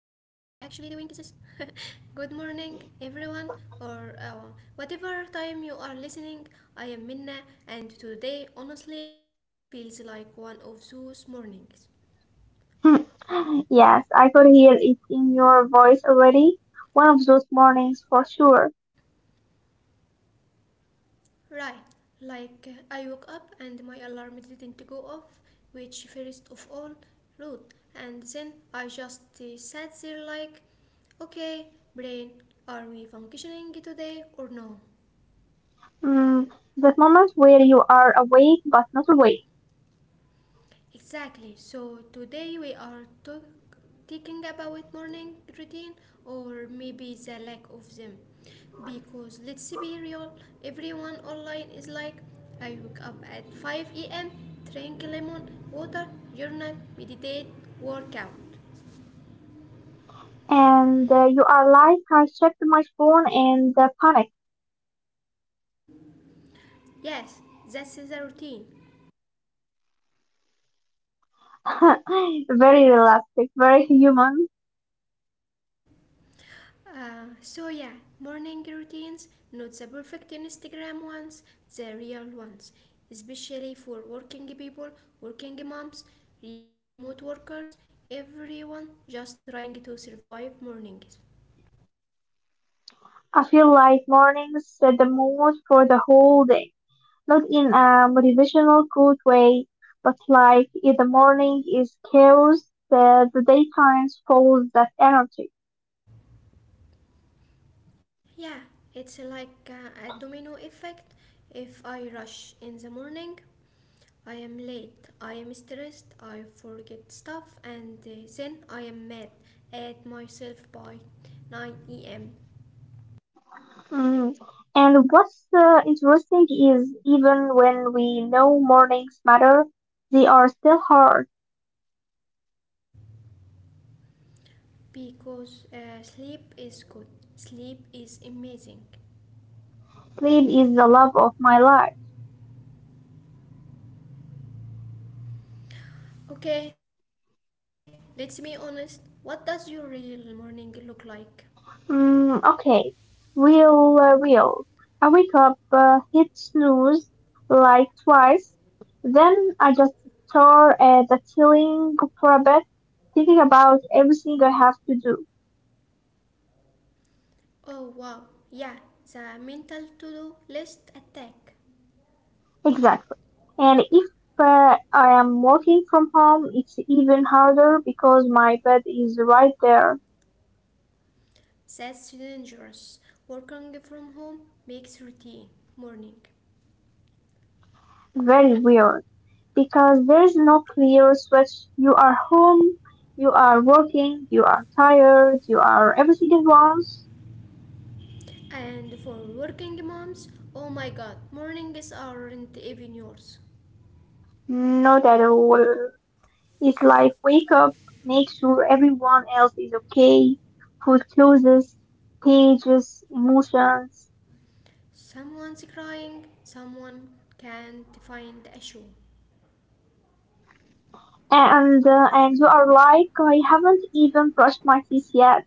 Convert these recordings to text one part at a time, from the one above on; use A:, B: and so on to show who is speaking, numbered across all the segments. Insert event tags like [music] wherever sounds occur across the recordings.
A: doing this? Good morning, everyone, or whatever time you are listening. I am Minna, and today honestly feels like one of those mornings.
B: [laughs] Yes, I could hear it in your voice already. One of those mornings for sure.
A: Right, like I woke up and my alarm didn't go off, which first of all, rude, and then I just sat there like, okay, brain, are we functioning today or no?
B: Mm, that moment where you are awake but not awake.
A: Exactly. So today we are talking about morning routine or maybe the lack of them. Because let's be real, everyone online is like, I wake up at 5 a.m., drink lemon water, journal, meditate, work out.
B: And You are like, I checked my phone and panic.
A: Yes, that's the routine.
B: [laughs] Very realistic, very human.
A: So yeah, morning routines, not the perfect Instagram ones, the real ones, especially for working people, working moms, remote workers, everyone just trying to survive mornings.
B: I feel like mornings set the mood for the whole day. Not in a motivational good way, but like if the morning is chaos, the daytime follows that energy.
A: Yeah, it's like a domino effect. If I rush in the morning, I am late, I am stressed, I forget stuff, and then I am mad at myself by 9 a.m.
B: Mm. And what's interesting is even when we know mornings matter, they are still hard.
A: Because sleep is good. Sleep is amazing.
B: Sleep is the love of my life.
A: Okay, let's be honest. What does your real morning look like?
B: Mm, okay, real, real. I wake up, hit snooze like twice, then I just stare at the ceiling for a bit, thinking about everything I have to do.
A: Oh wow, yeah, the mental to do list attack.
B: Exactly. And if I am working from home, it's even harder because my bed is right there.
A: That's dangerous. Working from home makes routine morning.
B: Very weird. Because there is no clear switch. You are home, you are working, you are tired, you are everything at once.
A: And for working moms, oh my god, mornings aren't even yours.
B: Not at all. It's like wake up, make sure everyone else is okay. Food closes, pages, emotions.
A: Someone's crying, someone can't find a shoe.
B: And you are like, I haven't even brushed my teeth yet.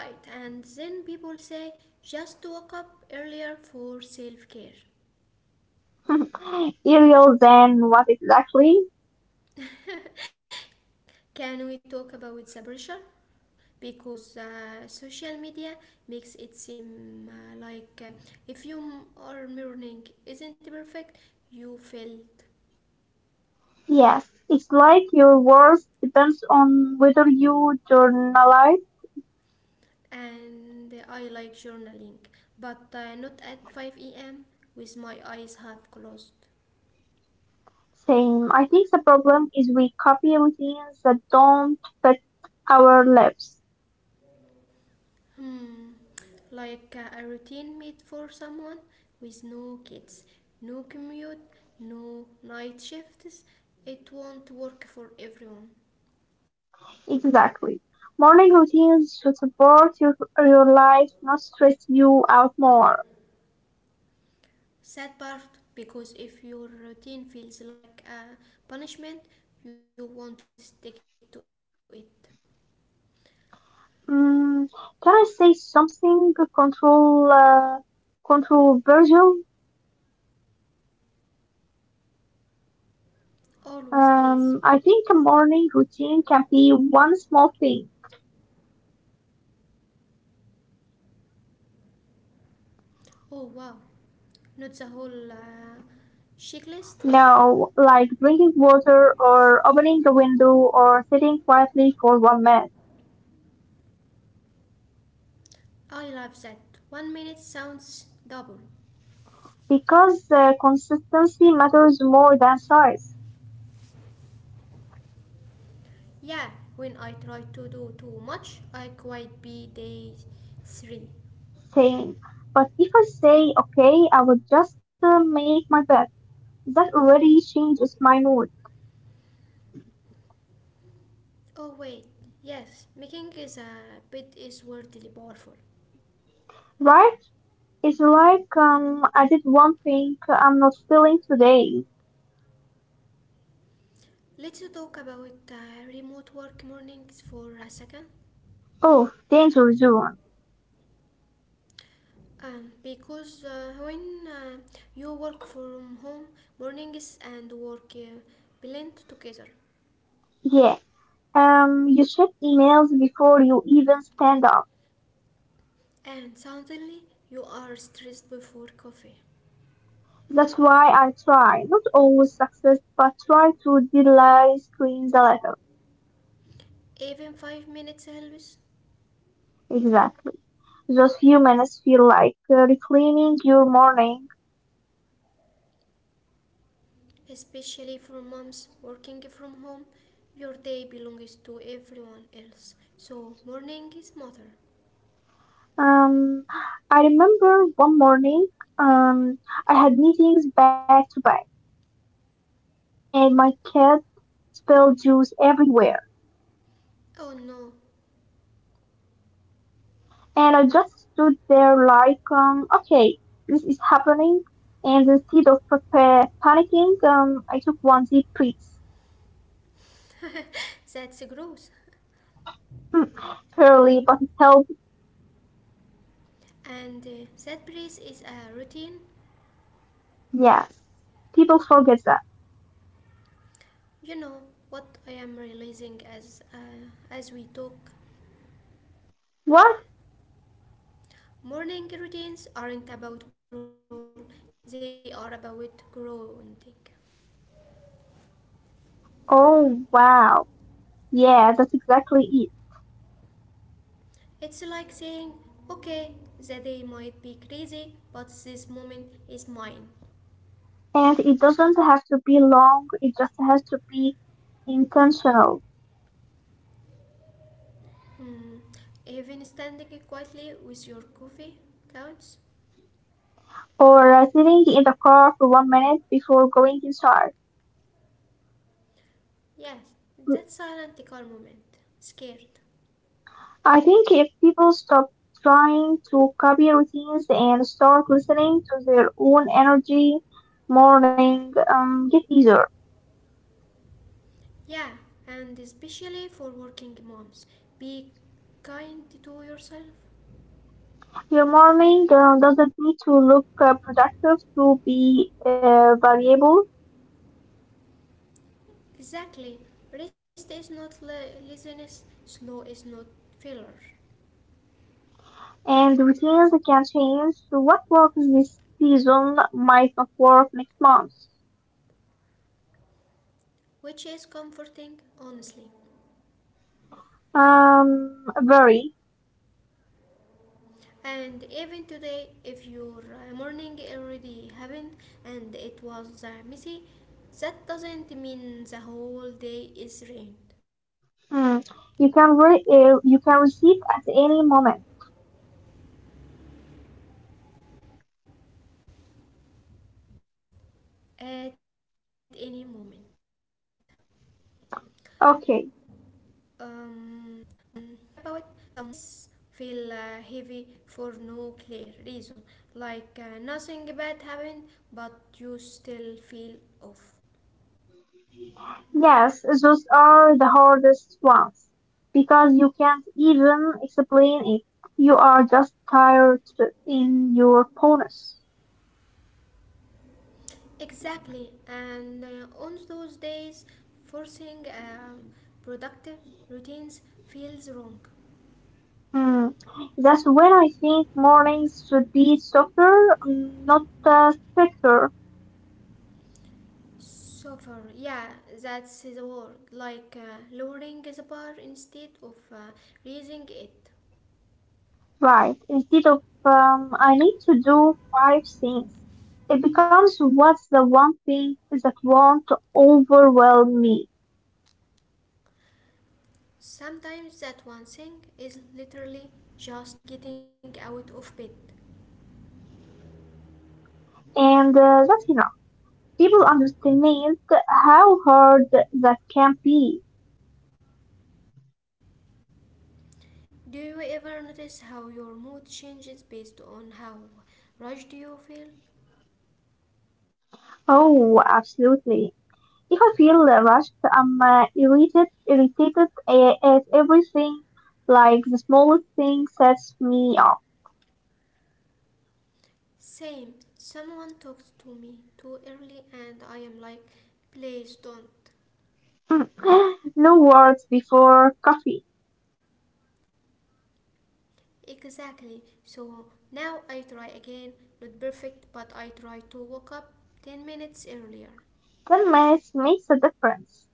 A: Right, and then people say just wake up earlier for self care.
B: [laughs] Ariel, then what exactly?
A: [laughs] Can we talk about the pressure? Because social media makes it seem like if you are morning isn't perfect, you failed.
B: Yes, it's like your worth depends on whether you journalize.
A: And I like journaling, but not at 5 a.m. with my eyes half closed.
B: Same. I think the problem is we copy routines that don't fit our lives.
A: Hmm, like a routine made for someone with no kids, no commute, no night shifts. It won't work for everyone.
B: Exactly. Morning routines should support your life, not stress you out more.
A: Sad part because if your routine feels like a punishment, you won't stick to it.
B: Mm, can I say something control controversial?
A: Always, please.
B: I think a morning routine can be one small thing.
A: Oh wow, not the whole checklist.
B: Now, like drinking water or opening a window or sitting quietly for 1 minute.
A: I love that. 1 minute sounds double.
B: Because consistency matters more than size.
A: Yeah, when I try to do too much, I quite be day three.
B: Same. But if I say, okay, I will just make my bed, that already changes my mood,
A: Oh wait, yes, making is a bit is wordly powerful.
B: right? It's like, I did one thing I'm not feeling today.
A: Let's talk about remote work mornings for a second.
B: Oh, danger zone.
A: Because when you work from home, mornings and work blend together,
B: Yeah. You check emails before you even stand up.
A: and suddenly you are stressed before coffee.
B: That's why I try, not always success, but try to delay screens a little.
A: Even 5 minutes helps.
B: Exactly. Those few minutes feel like reclaiming your morning.
A: Especially for moms working from home, your day belongs to everyone else. So, morning is mother.
B: Um, I remember one morning, um, I had meetings back to back, and my cat spilled juice everywhere.
A: Oh no,
B: And I just stood there like, okay, this is happening. And instead of panicking, I took one deep breath.
A: that's gross.
B: Hmm, barely, but it helped.
A: And that breeze is a routine.
B: Yes, people forget that.
A: You know what I am realizing as as we talk.
B: What?
A: Morning routines aren't about control; they are about grounding.
B: Oh, wow. Yeah, that's exactly it.
A: It's like saying, okay, the day might be crazy, but this moment is mine.
B: And it doesn't have to be long, it just has to be intentional.
A: Hmm. Even standing quietly with your coffee counts?
B: Or sitting in the car for 1 minute before going inside.
A: Yes, that silent calm moment. Scared.
B: I think if people stop trying to copy routines and start listening to their own energy, morning get easier.
A: Yeah, and especially for working moms. Be kind to yourself.
B: Your morning doesn't need to look productive to be valuable,
A: Exactly. Rest is not laziness, slow is not failure,
B: and routines can change. So what works this season might not work next month.
A: which is comforting, honestly.
B: Very.
A: And even today, if your morning already happened and it was messy, that doesn't mean the whole day is ruined
B: Hmm. You can you can receive at any moment.
A: at any moment. Um, you know what
B: Okay.
A: else I was thinking about? Some mornings feel heavy for no clear reason, like nothing bad happened, but you still feel off.
B: Yes, those are the hardest ones, because you can't even explain it. You are just tired in your bonus.
A: Exactly, and on those days, forcing productive routines feels wrong.
B: Hmm. That's when I think mornings should be softer, not stricter,
A: So far, yeah, that's the word. Like lowering the bar instead of raising it.
B: right? Instead of I need to do five things, it becomes what's the one thing that won't overwhelm me,
A: Sometimes that one thing is literally just getting out of bed.
B: and that's enough. People underestimate how hard that can be.
A: Do you ever notice how your mood changes based on how rushed you feel?
B: Oh, absolutely. If I feel rushed, I'm irritated, at everything, like the smallest thing sets me off.
A: Same. Someone talks to me too early and I am like, please don't.
B: Mm. [gasps] [laughs] No words before coffee.
A: Exactly. So now I try again. Not perfect, but I try to wake up 10 minutes earlier.
B: 10 minutes makes a difference.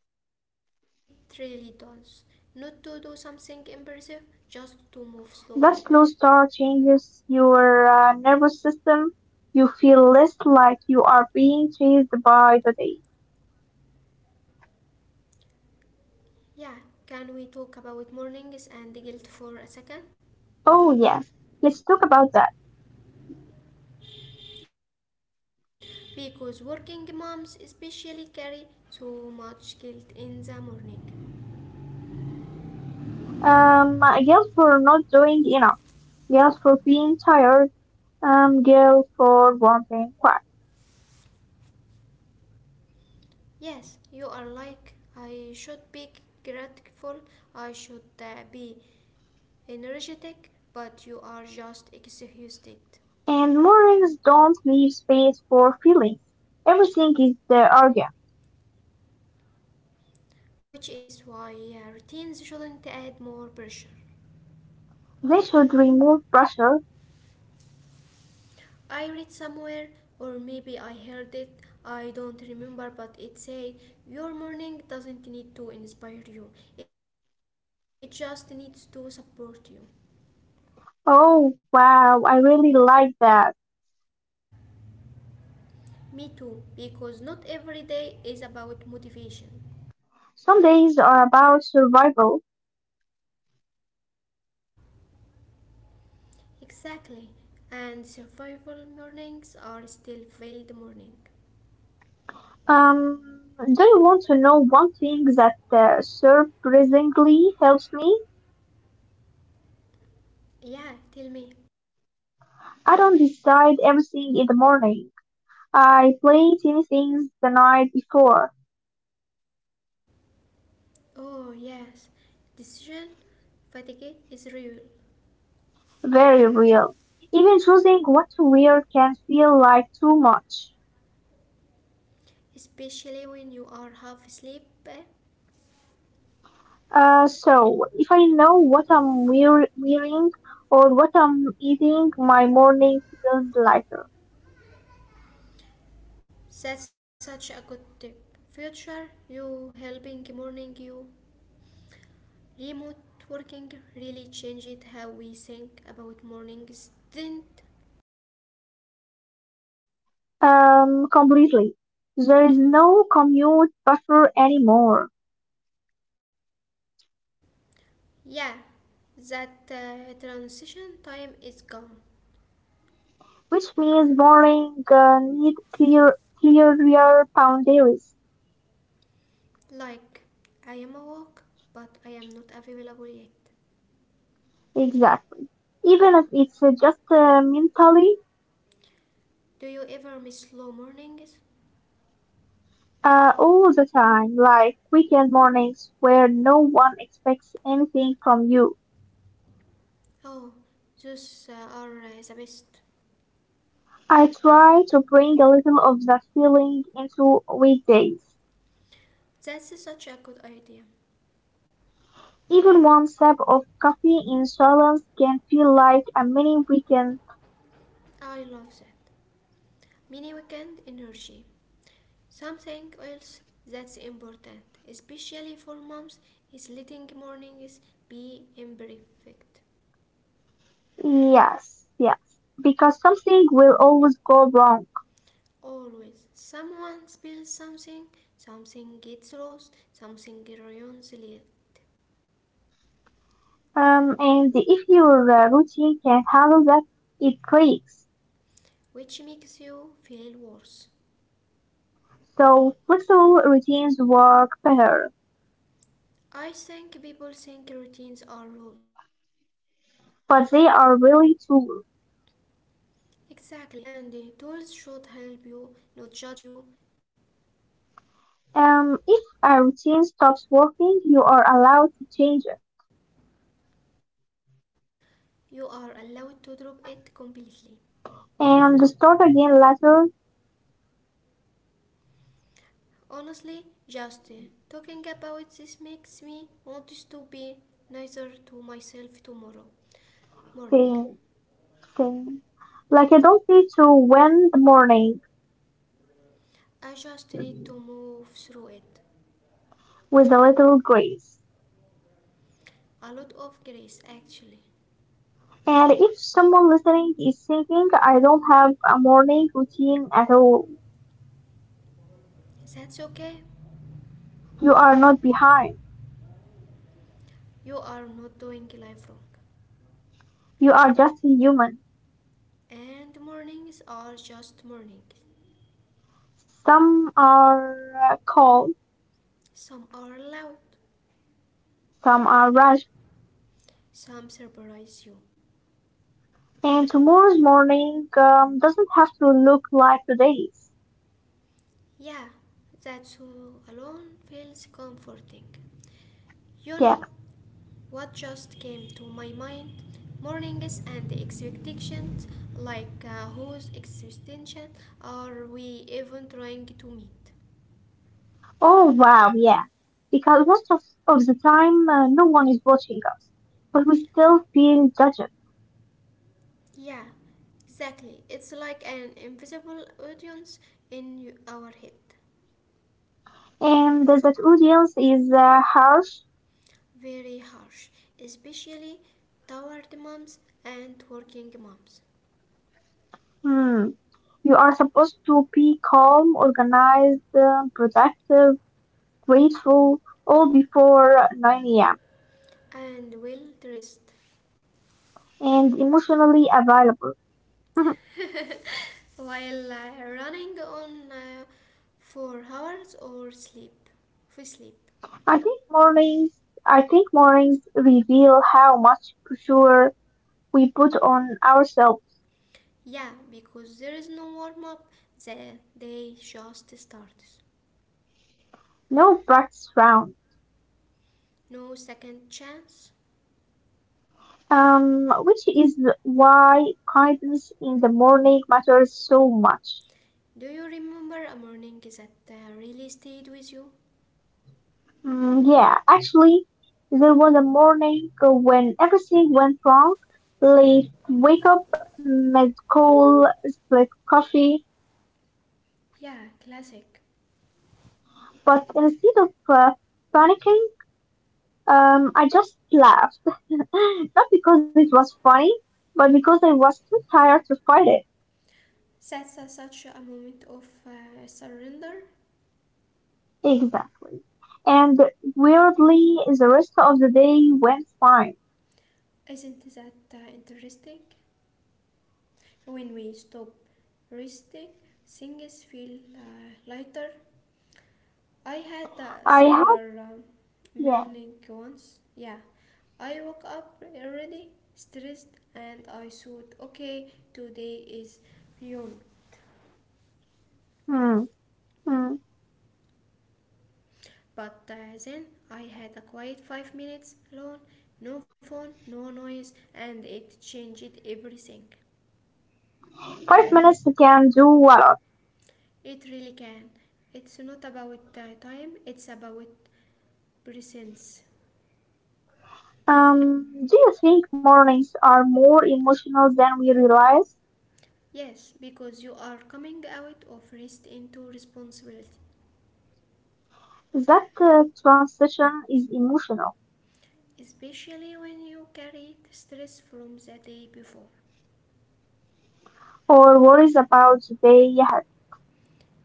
A: It really does. Not to do something impressive, just to move slowly.
B: That slow start changes your nervous system. You feel less like you are being chased by the day.
A: Yeah, can we talk about mornings and guilt for a
B: Oh,
A: second?
B: yes. Let's talk about that.
A: Because working moms especially carry so much guilt in the morning.
B: Guilt for not doing enough, guilt for being tired, guilt for wanting quiet.
A: Yes, you are like, I should be grateful, I should be energetic, but you are just exhausted,
B: And mornings don't leave space for feelings. Everything is the argument.
A: which is why routines shouldn't add more pressure.
B: They should remove pressure.
A: I read somewhere, or maybe I heard it, I don't remember, but it said your morning doesn't need to inspire you, it just needs to support you.
B: Oh wow, I really like that.
A: Me too, because not every day is about motivation.
B: Some days are about survival.
A: Exactly. And survival mornings are still failed morning.
B: Um, do you want to know one thing that surprisingly helps me?
A: Yeah, tell me.
B: I don't decide everything in the morning. I play tiny things the night before.
A: Oh yes, decision fatigue is real,
B: Very real. Even choosing what to wear can feel like too much.
A: especially when you are half asleep. Eh?
B: So, if I know what I'm wearing or what I'm eating, my morning feels lighter.
A: That's such a good tip. Future you helping morning you. Remote working really changed how we think about mornings, didn't?
B: Completely. There is no commute buffer anymore,
A: Yeah, that transition time is gone.
B: which means morning need clearer boundaries.
A: Like, I am awake, but I am not available yet.
B: Exactly. Even if it's just mentally.
A: Do you ever miss slow mornings?
B: All the time, like weekend mornings where no one expects anything from you.
A: Oh, those are the best.
B: I try to bring a little of that feeling into weekdays.
A: That's such a good idea.
B: Even one sip of coffee in silence can feel like a mini weekend.
A: I love that. Mini weekend energy. Something else that's important, especially for moms, is letting mornings be imperfect.
B: Yes, yes. Because something will always go wrong.
A: Always. Someone spills something, something gets lost, something ruins it,
B: And if your routine can handle that, it clicks.
A: which makes you feel worse.
B: So flexible routines work better,
A: I think people think routines are rules.
B: but they are really tools.
A: Exactly, and the tools should help you, not judge you.
B: If a routine stops working, you are allowed to change it
A: You are allowed to drop it completely.
B: and start again later.
A: Honestly, just talking about this makes me want to be nicer to myself tomorrow morning.
B: Thing, thing. Like I don't need to win the morning
A: I just need to move through it.
B: with a little grace.
A: A lot of grace, actually.
B: And if someone listening is thinking, I don't have a morning routine at all,
A: That's okay.
B: you are not behind.
A: You are not doing life wrong.
B: You are just a human.
A: And mornings are just mornings.
B: Some are calm,
A: Some are loud,
B: some are rushed,
A: some surprise you.
B: and tomorrow's morning doesn't have to look like today's.
A: Yeah, that so alone feels comforting. You
B: Yeah.
A: know what just came to my mind? Mornings and the expectations, like whose extension are we even trying to meet?
B: Oh wow, yeah. Because of the time, no one is watching us, but we still feel judged.
A: Yeah, exactly. It's like an invisible audience in our head.
B: And that audience is harsh.
A: Very harsh, especially toward moms and working moms.
B: Hmm. You are supposed to be calm, organized, productive, grateful, all before 9 a.m.
A: And well dressed
B: and emotionally available. [laughs]
A: while running on for hours or sleep for sleep,
B: I think mornings, I think mornings reveal how much pressure we put on ourselves.
A: yeah, because there is no warm up, the day just starts,
B: No practice round.
A: no second chance.
B: Which is why kindness in the morning matters so much.
A: Do you remember a morning that really stayed with you?
B: Mm, yeah, actually, there was a morning when everything went wrong. Late wake up, missed call, split coffee.
A: Yeah, classic.
B: But instead of panicking, I just laughed. [laughs] Not because it was funny, but because I was too tired to fight it.
A: That's such a moment of surrender.
B: Exactly. And weirdly, the rest of the day went fine.
A: Isn't that interesting? When we stop resting things feel lighter. I had a
B: I had.
A: similar
B: Yeah.
A: morning once. Yeah, I woke up already stressed and I thought, okay, today is fun.
B: Hmm. Hmm.
A: But then I had a quiet 5 minutes alone, no phone, no noise, and it changed everything.
B: 5 minutes can do a lot.
A: It really can. It's not about time, it's about presence.
B: Do you think mornings are more emotional than we realize?
A: Yes, because you are coming out of rest into responsibility,
B: That transition is emotional
A: especially when you carry the stress from the day before.
B: or worries about the day ahead.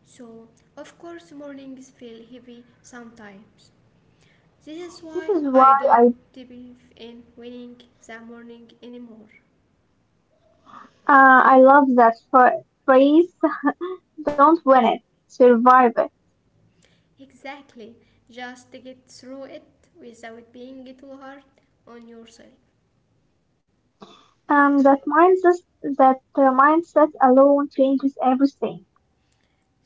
A: So, of course, mornings feel heavy sometimes. This is
B: This
A: why
B: is
A: I
B: why
A: don't believe in winning the morning anymore.
B: I love that phrase. Don't win it, survive it.
A: Exactly, just get through it without being too hard on yourself.
B: Um, that mindset that mindset alone changes everything.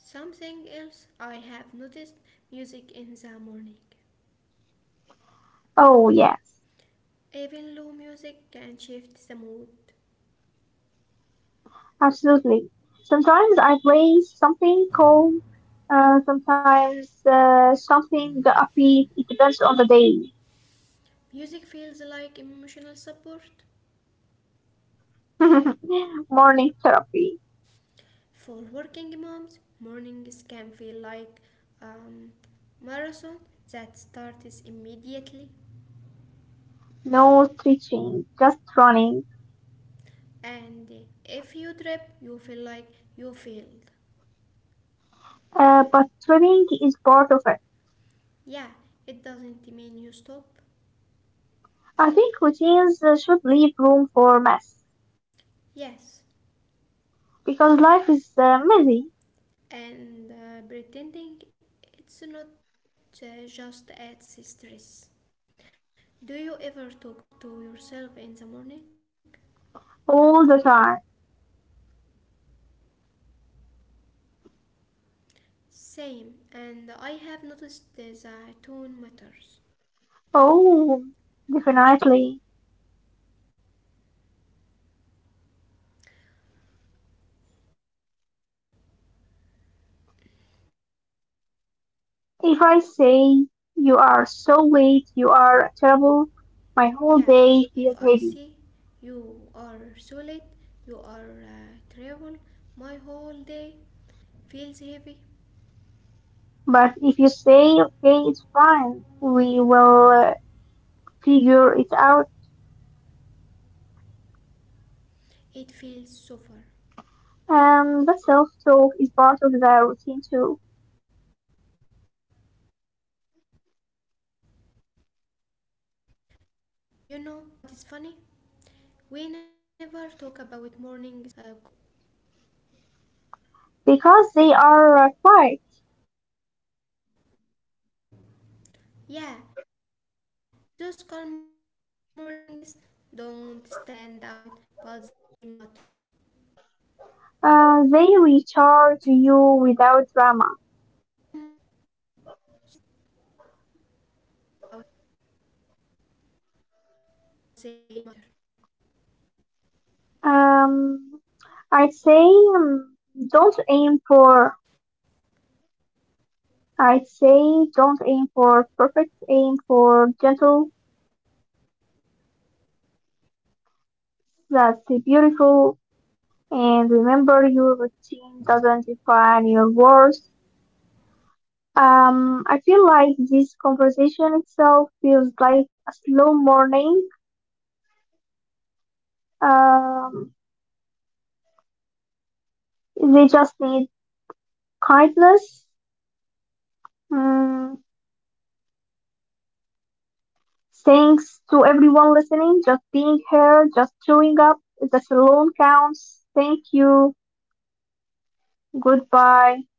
A: Something else I have noticed, music in the morning.
B: Oh yes.
A: Even low music can shift the mood.
B: Absolutely. Sometimes I play something calm, sometimes something upbeat. It depends on the day.
A: Music feels like emotional support.
B: [laughs] Morning therapy.
A: For working moms, mornings can feel like a marathon that starts immediately,
B: No stretching, just running.
A: and if you trip, you feel like you failed.
B: But swimming is part of it.
A: Yeah, it doesn't mean you stop.
B: I think routines should leave room for mess
A: Yes,
B: because life is messy
A: and pretending it's not just adds stress. Do you ever talk to yourself in the morning?
B: all the time.
A: Same, and I have noticed that tone matters.
B: Oh, definitely.
A: If I say you are so
B: If I
A: late.
B: say, you are so late, you are terrible,
A: Yeah,
B: my whole
A: if I
B: day
A: see
B: feels heavy.
A: you are so late, you are travel, my whole day feels heavy.
B: But if you say, okay, it's fine, we will figure it out,
A: It feels so far.
B: the self talk is part of the routine too.
A: You know what is funny? We never talk about mornings when things doesn't go wrong.
B: Because they are quiet,
A: Yeah, those calm mornings don't stand out, but they matter.
B: they recharge you without drama. Um, I'd say, um, don't aim for I'd say don't aim for perfect, aim for gentle. That's beautiful. And remember, your routine doesn't define your worth. I feel like this conversation itself feels like a slow morning. Um,
A: Yeah,
B: they
A: uh,
B: just need
A: not rushed,
B: kindness.
A: not loud,
B: Mm,
A: just
B: thanks to
A: yeah.
B: everyone listening, just being here, just showing up. That
A: Um,
B: alone
A: and
B: counts. Thank
A: maybe
B: you.
A: that's the reminder people
B: Goodbye.
A: need.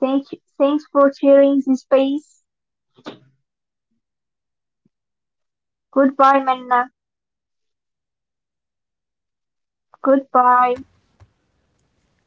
B: Thank you. Thanks for sharing this space. Goodbye, Manna.
A: Yeah, goodbye, thanks, Aya.
B: Goodbye.
A: Goodbye, Aya.